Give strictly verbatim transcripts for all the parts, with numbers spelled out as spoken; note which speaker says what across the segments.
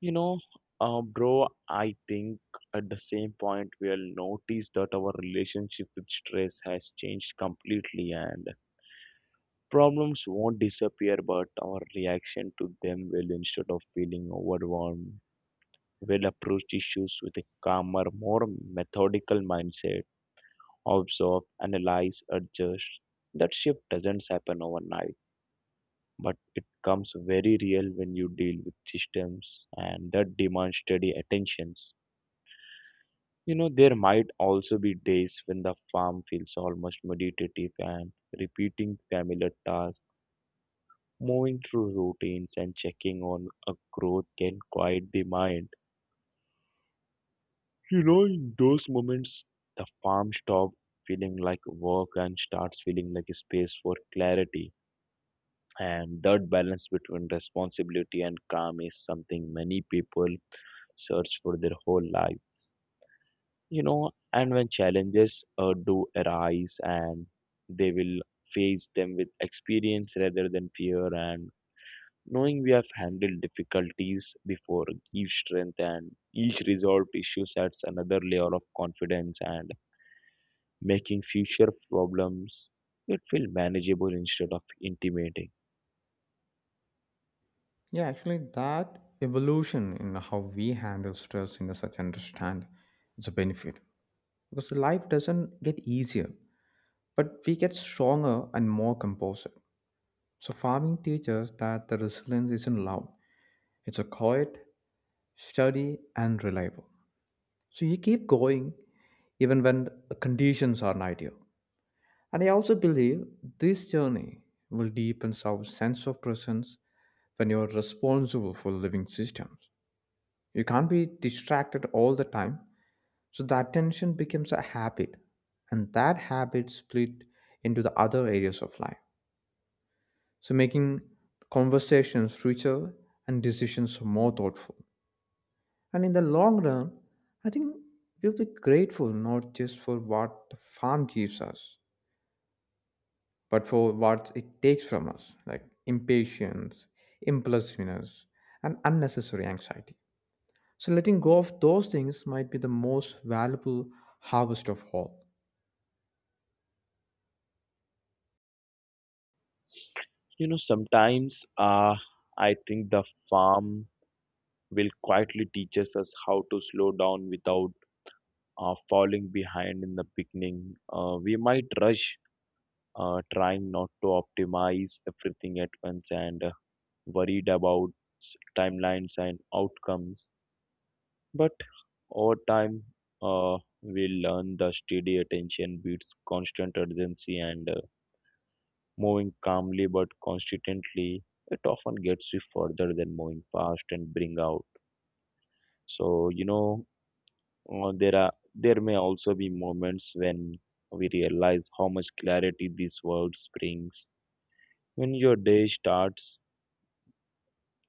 Speaker 1: You know, uh, Bro, I think at the same point we'll notice that our relationship with stress has changed completely, and problems won't disappear, but our reaction to them will. Instead of feeling overwhelmed, we'll approach issues with a calmer, more methodical mindset: observe, analyze, adjust. That shift doesn't happen overnight, but it comes very real when you deal with systems and that demand steady attentions. You know, there might also be days when the farm feels almost meditative and repeating familiar tasks, moving through routines and checking on a growth can quiet the mind. You know, in those moments, the farm stops feeling like work and starts feeling like a space for clarity. And that balance between responsibility and calm is something many people search for their whole life. You know and when challenges uh, do arise, and they will, face them with experience rather than fear, and knowing we have handled difficulties before gives strength, and each resolved issue adds another layer of confidence and making future problems it feel manageable instead of intimidating.
Speaker 2: Yeah, actually, that evolution in how we handle stress in a such understand it's a benefit because life doesn't get easier, but we get stronger and more composed. So farming teaches that the resilience isn't loud; it's a quiet, steady, and reliable. So you keep going even when the conditions aren't ideal. And I also believe this journey will deepen our sense of presence when you are responsible for living systems. You can't be distracted all the time. So the attention becomes a habit, and that habit split into the other areas of life. So making conversations richer and decisions more thoughtful. And in the long run, I think we'll be grateful not just for what the farm gives us, but for what it takes from us, like impatience, impulsiveness, and unnecessary anxiety. So letting go of those things might be the most valuable harvest of all.
Speaker 1: You know sometimes uh, I think the farm will quietly teaches us how to slow down without uh, falling behind. In the beginning, uh, we might rush, uh, trying not to optimize everything at once, and uh, worried about s- timelines and outcomes. But over time, uh, we learn the steady attention beats constant urgency, and uh, moving calmly but constantly, it often gets you further than moving fast and bring out. So you know Uh, there are there may also be moments when we realize how much clarity this world brings. When your day starts,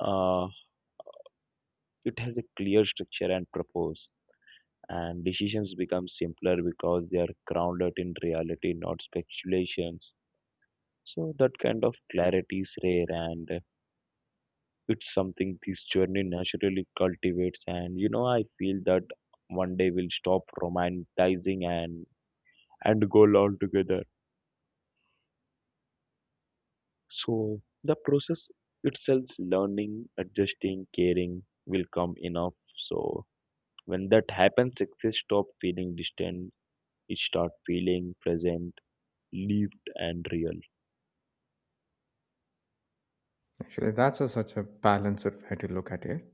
Speaker 1: uh, it has a clear structure and purpose, and decisions become simpler because they are grounded in reality, not speculations. So that kind of clarity is rare, and uh, it's something this journey naturally cultivates. And you know, I feel that one day we'll stop romanticizing, and and goal altogether. So the process itself, learning, adjusting, caring, will come enough. So when that happens, success stop feeling distant. It start feeling present, lived, and real.
Speaker 2: Actually, that's a, such a balanced way to look at it.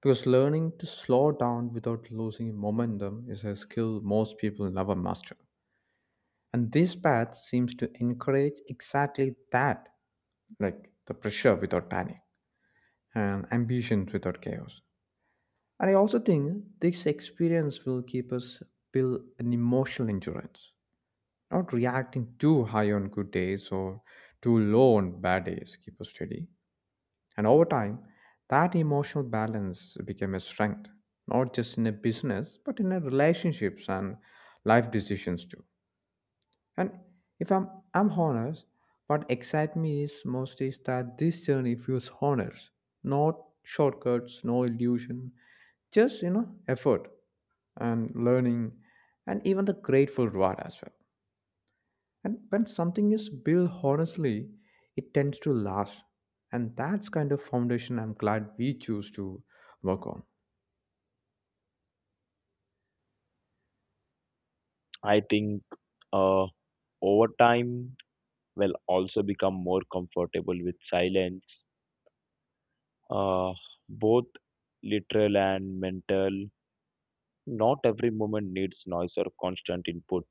Speaker 2: Because learning to slow down without losing momentum is a skill most people never master. And this path seems to encourage exactly that, like the pressure without panic and ambitions without chaos. And I also think this experience will keep us build an emotional endurance not reacting too high on good days or too low on bad days. Keep us steady. And over time, that emotional balance became a strength, not just in a business, but in a relationships and life decisions too. And if I'm I'm honest, what excites me is most is that this journey feels honest, not shortcuts, no illusion, just you know, effort and learning and even the grateful reward as well. And when something is built honestly, it tends to last. And that's kind of foundation I'm glad we choose to work on.
Speaker 1: I think, uh, over time, will also become more comfortable with silence, uh, both literal and mental. Not every moment needs noise or constant input.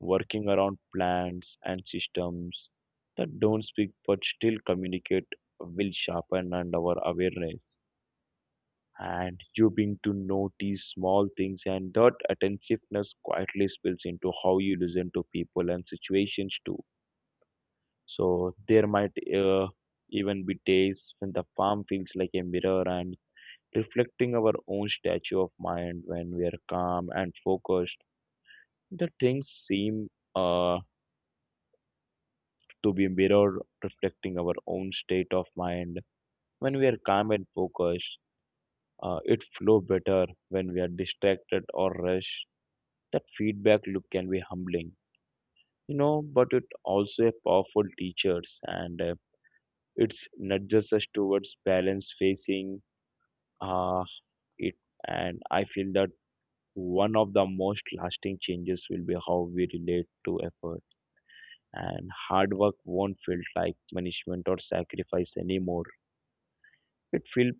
Speaker 1: Working around plants and systems that don't speak but still communicate will sharpen and our awareness, and you begin to notice small things, and that attentiveness quietly spills into how you listen to people and situations too. So there might, uh, even be days when the farm feels like a mirror and reflecting our own statue of mind when we are calm and focused, the things seem, uh, to be mirror reflecting our own state of mind. When we are calm and focused, uh, it flow better. When we are distracted or rushed, that feedback loop can be humbling, you know. But it also a powerful teachers, and uh, it's nudges us towards balance, facing, uh, it. And I feel that one of the most lasting changes will be how we relate to effort, and hard work won't feel like punishment or sacrifice anymore. It feel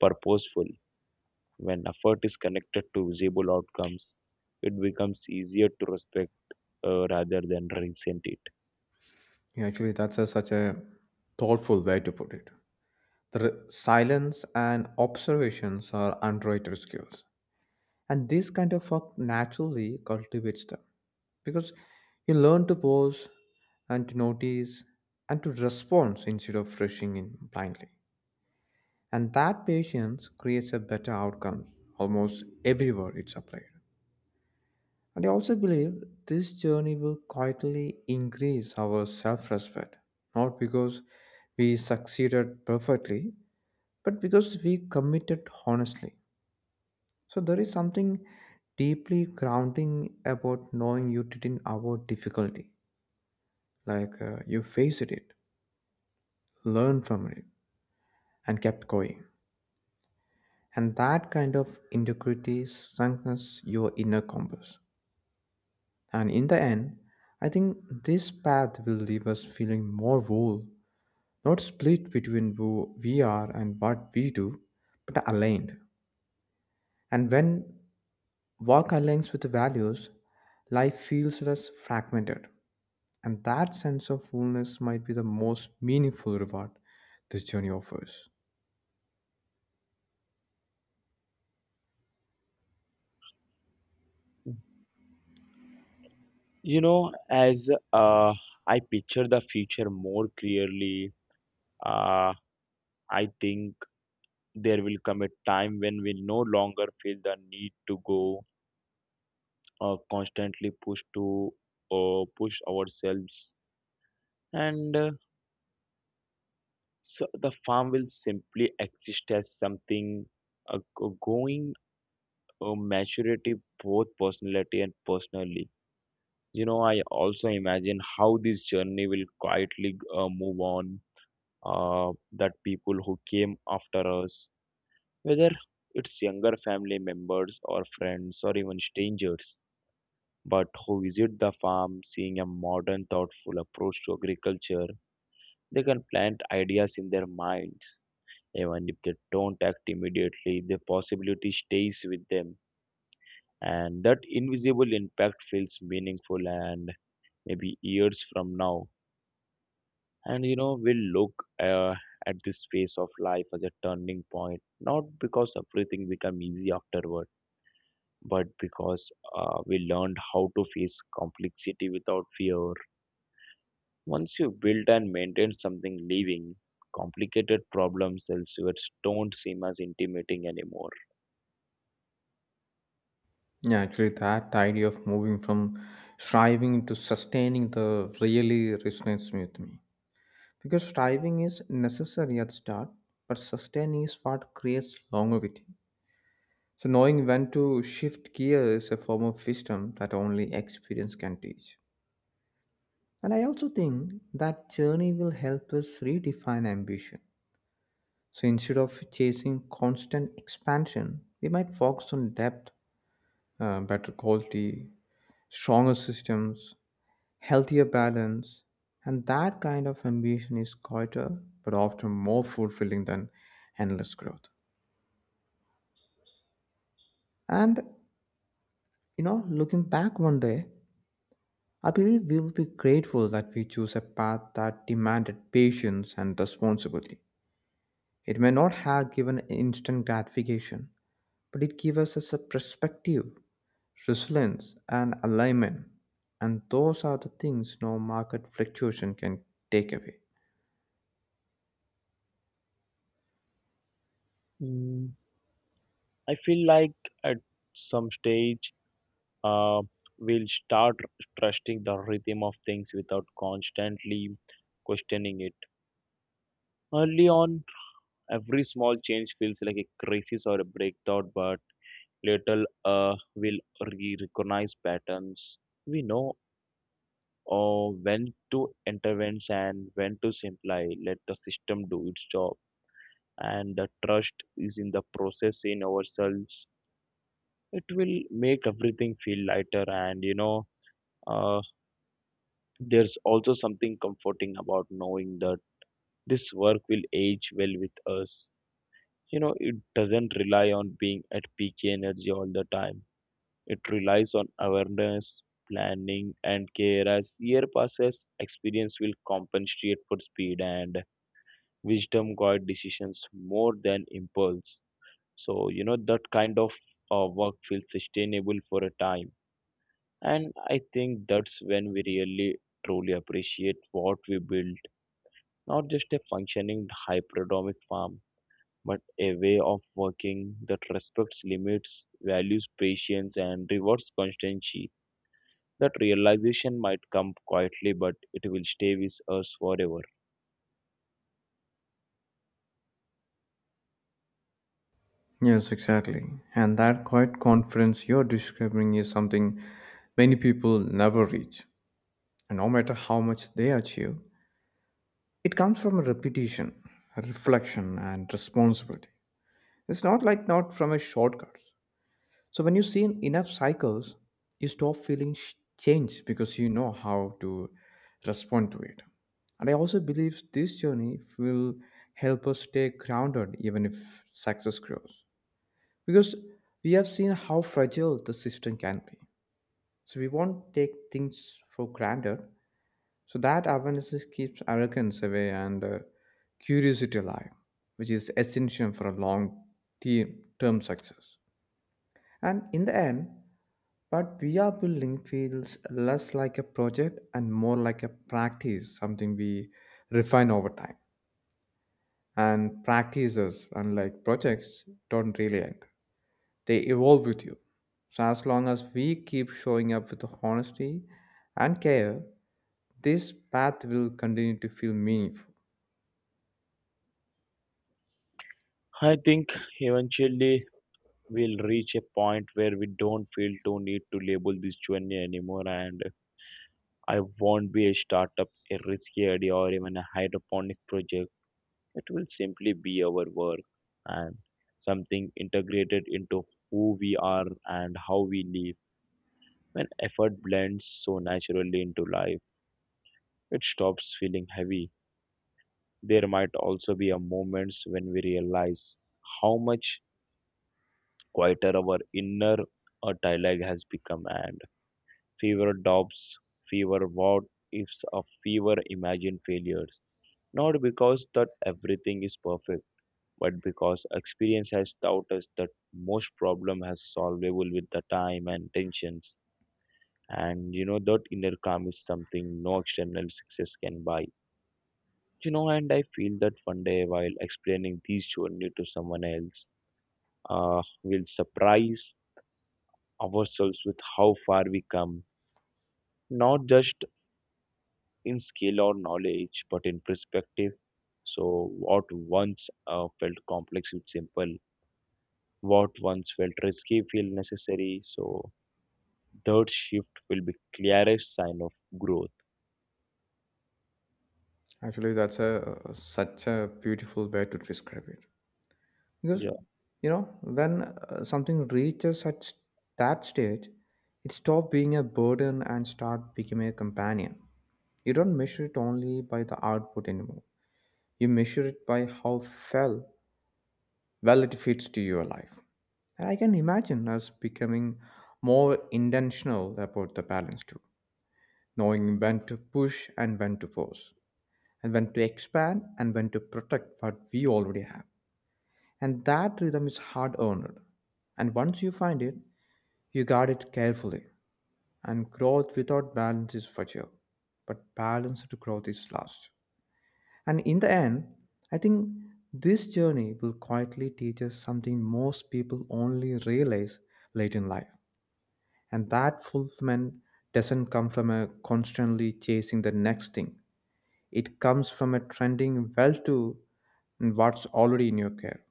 Speaker 1: purposeful. When effort is connected to visible outcomes, it becomes easier to respect, uh, rather than resent it.
Speaker 2: Yeah, actually, that's a, such a thoughtful way to put it. The re- silence and observations are underrated skills. And this kind of work naturally cultivates them because you learn to pause and to notice and to respond instead of rushing in blindly. And that patience creates a better outcomes almost everywhere it's applied. And I also believe this journey will quietly increase our self respect, not because we succeeded perfectly, but because we committed honestly. So there is something deeply grounding about knowing you didn't avoid difficulty, like uh, you faced it, learned from it, and kept going. And that kind of integrity strengthens your inner compass. And in the end, I think this path will leave us feeling more whole, not split between who we are and what we do, but aligned. And when work aligns with the values, life feels less fragmented. And that sense of wholeness might be the most meaningful reward this journey offers.
Speaker 1: You know, as uh, I picture the future more clearly, uh, I think there will come a time when we no longer feel the need to go, uh, constantly push to uh, push ourselves, and uh, so the farm will simply exist as something, uh, go- going uh, maturity, both personality and personally. you know I also imagine how this journey will quietly, uh, move on, uh, that people who came after us, whether it's younger family members or friends or even strangers, but who visit the farm seeing a modern thoughtful approach to agriculture, they can plant ideas in their minds. Even if they don't act immediately, the possibility stays with them, and that invisible impact feels meaningful. And maybe years from now, and you know we'll look, uh, at this phase of life as a turning point, not because everything become easy afterward, but because, uh, we learned how to face complexity without fear. Once you build and maintain something living, complicated problems elsewhere don't seem as intimidating anymore.
Speaker 2: Yeah, actually, that idea of moving from striving to sustaining the really resonates with me. Because striving is necessary at the start, but sustaining is what creates longevity. So, knowing when to shift gear is a form of wisdom that only experience can teach. And I also think that journey will help us redefine ambition. So, instead of chasing constant expansion, we might focus on depth, uh, better quality, stronger systems, healthier balance. And that kind of ambition is quieter, but often more fulfilling than endless growth. And, you know, looking back one day, I believe we will be grateful that we chose a path that demanded patience and responsibility. It may not have given instant gratification, but it gave us a perspective, resilience, and alignment. And those are the things no market fluctuation can take away.
Speaker 1: mm, I feel like at some stage, uh, will start trusting the rhythm of things without constantly questioning it. Early on, every small change feels like a crisis or a breakthrough, but later, uh, we'll re- recognize patterns. We know, uh, when to intervene and when to simply let the system do its job. And the trust is in the process in ourselves. It will make everything feel lighter, and you know. Uh, there's also something comforting about knowing that this work will age well with us. You know, it doesn't rely on being at peak energy all the time. It relies on awareness, planning, and care. As year passes, experience will compensate for speed, and wisdom guide decisions more than impulse. So, you know, that kind of, uh, work feels sustainable for a time. And I think that's when we really truly appreciate what we build. Not just a functioning hypodermic farm, but a way of working that respects limits, values patience, and rewards constancy. That realization might come quietly, but it will stay with us forever.
Speaker 2: Yes, exactly. And that quiet confidence you're describing is something many people never reach. And no matter how much they achieve, it comes from a repetition, a reflection, and responsibility. It's not like not from a shortcut. So when you see enough cycles, you stop feeling sh- change because you know how to respond to it. And I also believe this journey will help us stay grounded even if success grows, because we have seen how fragile the system can be. So we won't take things for granted. So that awareness is- keeps arrogance away and uh, curiosity alive, which is essential for a long-term success. And in the end, what we are building feels less like a project and more like a practice, something we refine over time. And practices, unlike projects, don't really end. They evolve with you. So, as long as we keep showing up with honesty and care, this path will continue to feel meaningful.
Speaker 1: I think eventually we'll reach a point where we don't feel to need to label this journey anymore, and I won't be a startup, a risky idea, or even a hydroponic project. It will simply be our work and something integrated into who we are and how we live. When effort blends so naturally into life, it stops feeling heavy. There might also be a moments when we realize how much quieter our inner, uh, dialogue has become, and fewer doubts, fewer what ifs, of fewer imagined failures. Not because that everything is perfect, but because experience has taught us that most problem has solvable with the time and tensions. And you know that inner calm is something no external success can buy. You know and I feel that one day while explaining this journey to someone else, uh, we'll surprise ourselves with how far we come, not just in skill or knowledge, but in perspective. So what once, uh, felt complex is simple, what once felt risky feel necessary. So that shift will be clearest sign of growth.
Speaker 2: Actually, that's a such a beautiful way to describe it. Because
Speaker 1: Yeah,
Speaker 2: you know, when uh, something reaches such that stage, it stops being a burden and start becoming a companion. You don't measure it only by the output anymore. You measure it by how felt well it fits to your life. And I can imagine us becoming more intentional about the balance too, knowing when to push and when to pause, and when to expand and when to protect what we already have. And that rhythm is hard earned. And once you find it, you guard it carefully. And growth without balance is fragile, but balanced growth is last. And in the end, I think this journey will quietly teach us something most people only realize late in life. And that fulfillment doesn't come from a constantly chasing the next thing. It comes from a trending well to and what's already in your care.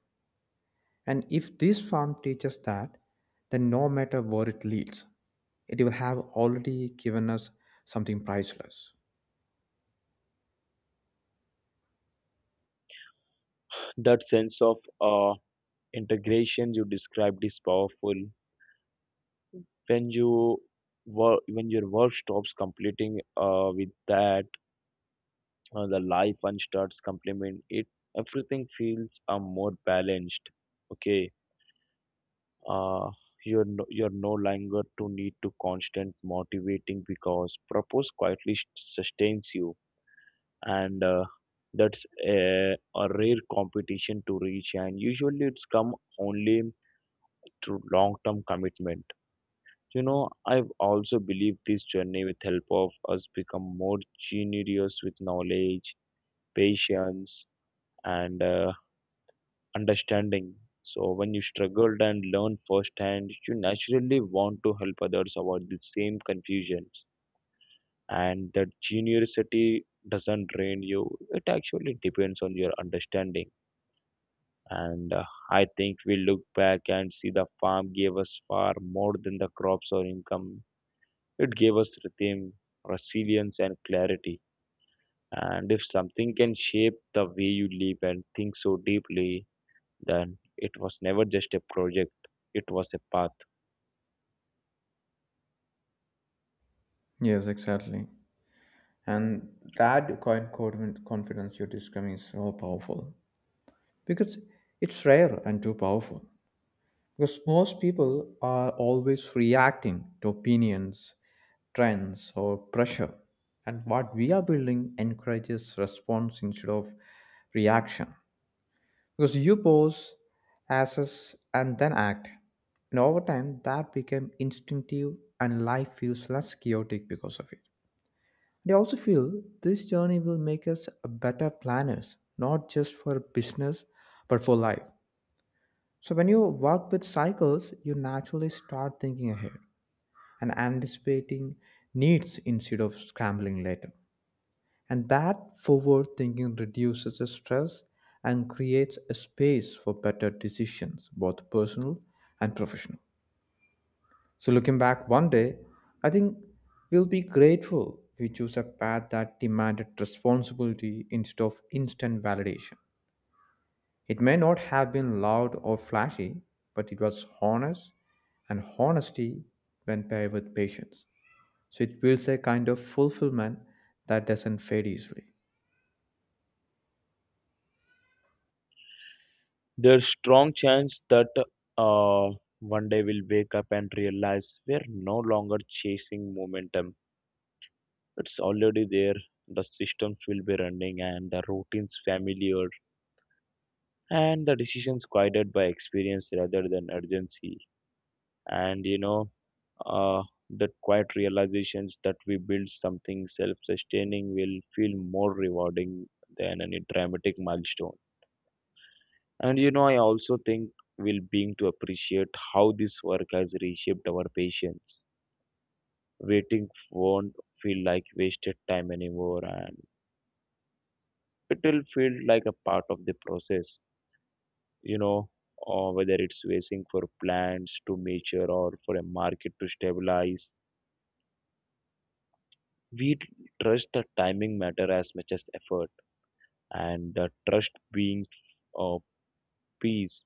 Speaker 2: And if this farm teaches that, then no matter where it leads, it will have already given us something priceless.
Speaker 1: that sense of, uh, integration you described is powerful. When you work when your work stops completing, uh, with that, uh, the life one starts complement it, everything feels, uh, more balanced. Okay. uh, you're no, you're no longer to need to constant motivating because purpose quietly s- sustains you. And uh, that's a, a rare competition to reach, and usually it's come only through long term commitment. you know I've also believe this journey with help of us become more generous with knowledge, patience, and uh, understanding. So when you struggled and learn firsthand, you naturally want to help others avoid the same confusions, and that generosity doesn't drain you. It actually depends on your understanding. And uh, I think we look back and see the farm gave us far more than the crops or income. It gave us rhythm, resilience, and clarity. And if something can shape the way you live and think so deeply, then it was never just a project, it was a path.
Speaker 2: Yes, exactly. And that kind of confid- confidence you're describing is so powerful because it's rare and too powerful. Because most people are always reacting to opinions, trends, or pressure. And what we are building encourages response instead of reaction. Because you pause, assess, and then act. And over time, that became instinctive, and life feels less chaotic because of it. They also feel this journey will make us better planners, not just for business, but for life. So when you work with cycles, you naturally start thinking ahead and anticipating needs instead of scrambling later. And that forward thinking reduces the stress and creates a space for better decisions, both personal and professional. So, looking back one day, I think we'll be grateful we chose a path that demanded responsibility instead of instant validation. It may not have been loud or flashy, but it was honest, and honesty, when paired with patience, so it builds a kind of fulfillment that doesn't fade easily.
Speaker 1: There's strong chance that, uh, one day we'll wake up and realize we're no longer chasing momentum. It's already there. The systems will be running, and the routines familiar, and the decisions guided by experience rather than urgency. And you know uh, that quiet realizations that we build something self-sustaining will feel more rewarding than any dramatic milestone. And you know I also think will being to appreciate how this work has reshaped our patience. Waiting won't feel like wasted time anymore, and it will feel like a part of the process. you know or whether it's waiting for plants to mature or for a market to stabilize, we trust the timing matter as much as effort. And the trust being, uh, peace.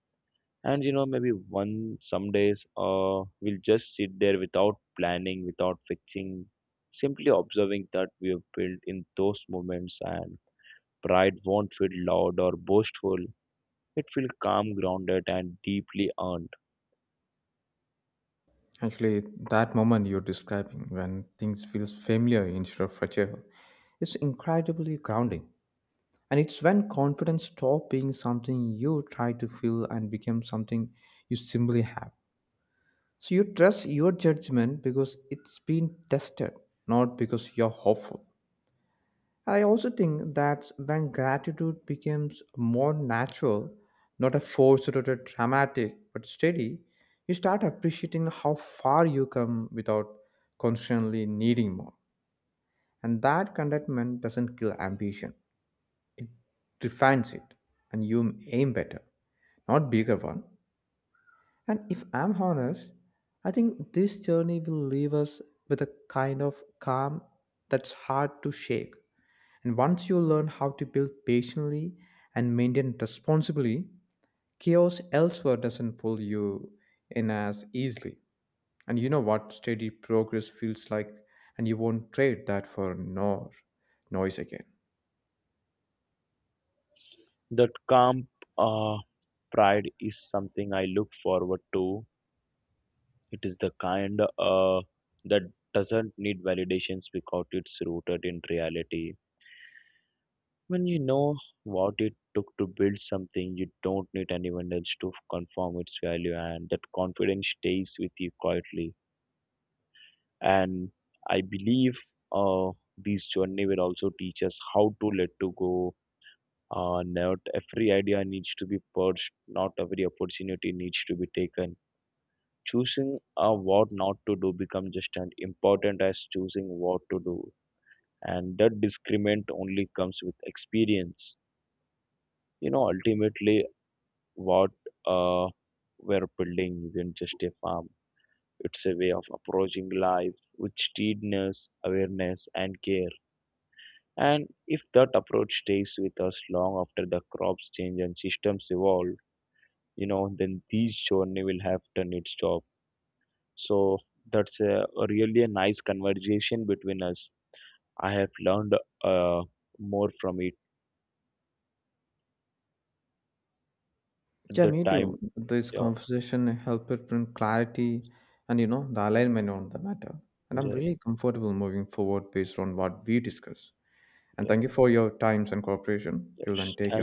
Speaker 1: And you know maybe one some days, uh, we'll just sit there without planning, without fixing, simply observing that we have built in those moments. And pride won't feel loud or boastful. It feels calm, grounded, and deeply earned.
Speaker 2: Actually, that moment you're describing when things feels familiar instead of fragile, it's incredibly grounding. And it's when confidence stops being something you try to feel and become something you simply have. So you trust your judgment because it's been tested, not because you're hopeful. And I also think that's when gratitude becomes more natural, not a forced or a dramatic, but steady, you start appreciating how far you come without constantly needing more. And that contentment doesn't kill ambition. Refines it and you aim better not bigger one. And if I'm honest, I think this journey will leave us with a kind of calm that's hard to shake. And once you learn how to build patiently and maintain responsibly, chaos elsewhere doesn't pull you in as easily. And you know what steady progress feels like, and you won't trade that for nor noise again.
Speaker 1: That calm, uh, pride is something I look forward to. It is the kind, uh, that doesn't need validations because it's rooted in reality. When you know what it took to build something, you don't need anyone else to confirm its value, and that confidence stays with you quietly. And I believe, uh, this journey will also teach us how to let to go. Uh, not every idea needs to be purged, not every opportunity needs to be taken. Choosing, uh, what not to do becomes just as important as choosing what to do, and that discernment only comes with experience. You know, ultimately, what, uh, we're building isn't just a farm, it's a way of approaching life with steadiness, awareness, and care. And if that approach stays with us long after the crops change and systems evolve, you know then this journey will have done its job. So that's a, a really a nice conversation between us. I have learned, uh, more from it.
Speaker 2: Yeah,
Speaker 1: The
Speaker 2: me too.
Speaker 1: time.
Speaker 2: This
Speaker 1: Yeah,
Speaker 2: conversation helped it bring clarity and you know the alignment on the matter. And I'm
Speaker 1: yeah,
Speaker 2: really comfortable moving forward based on what we discuss. And
Speaker 1: yeah,
Speaker 2: thank you for your times and cooperation. Till then,
Speaker 1: yeah.
Speaker 2: take care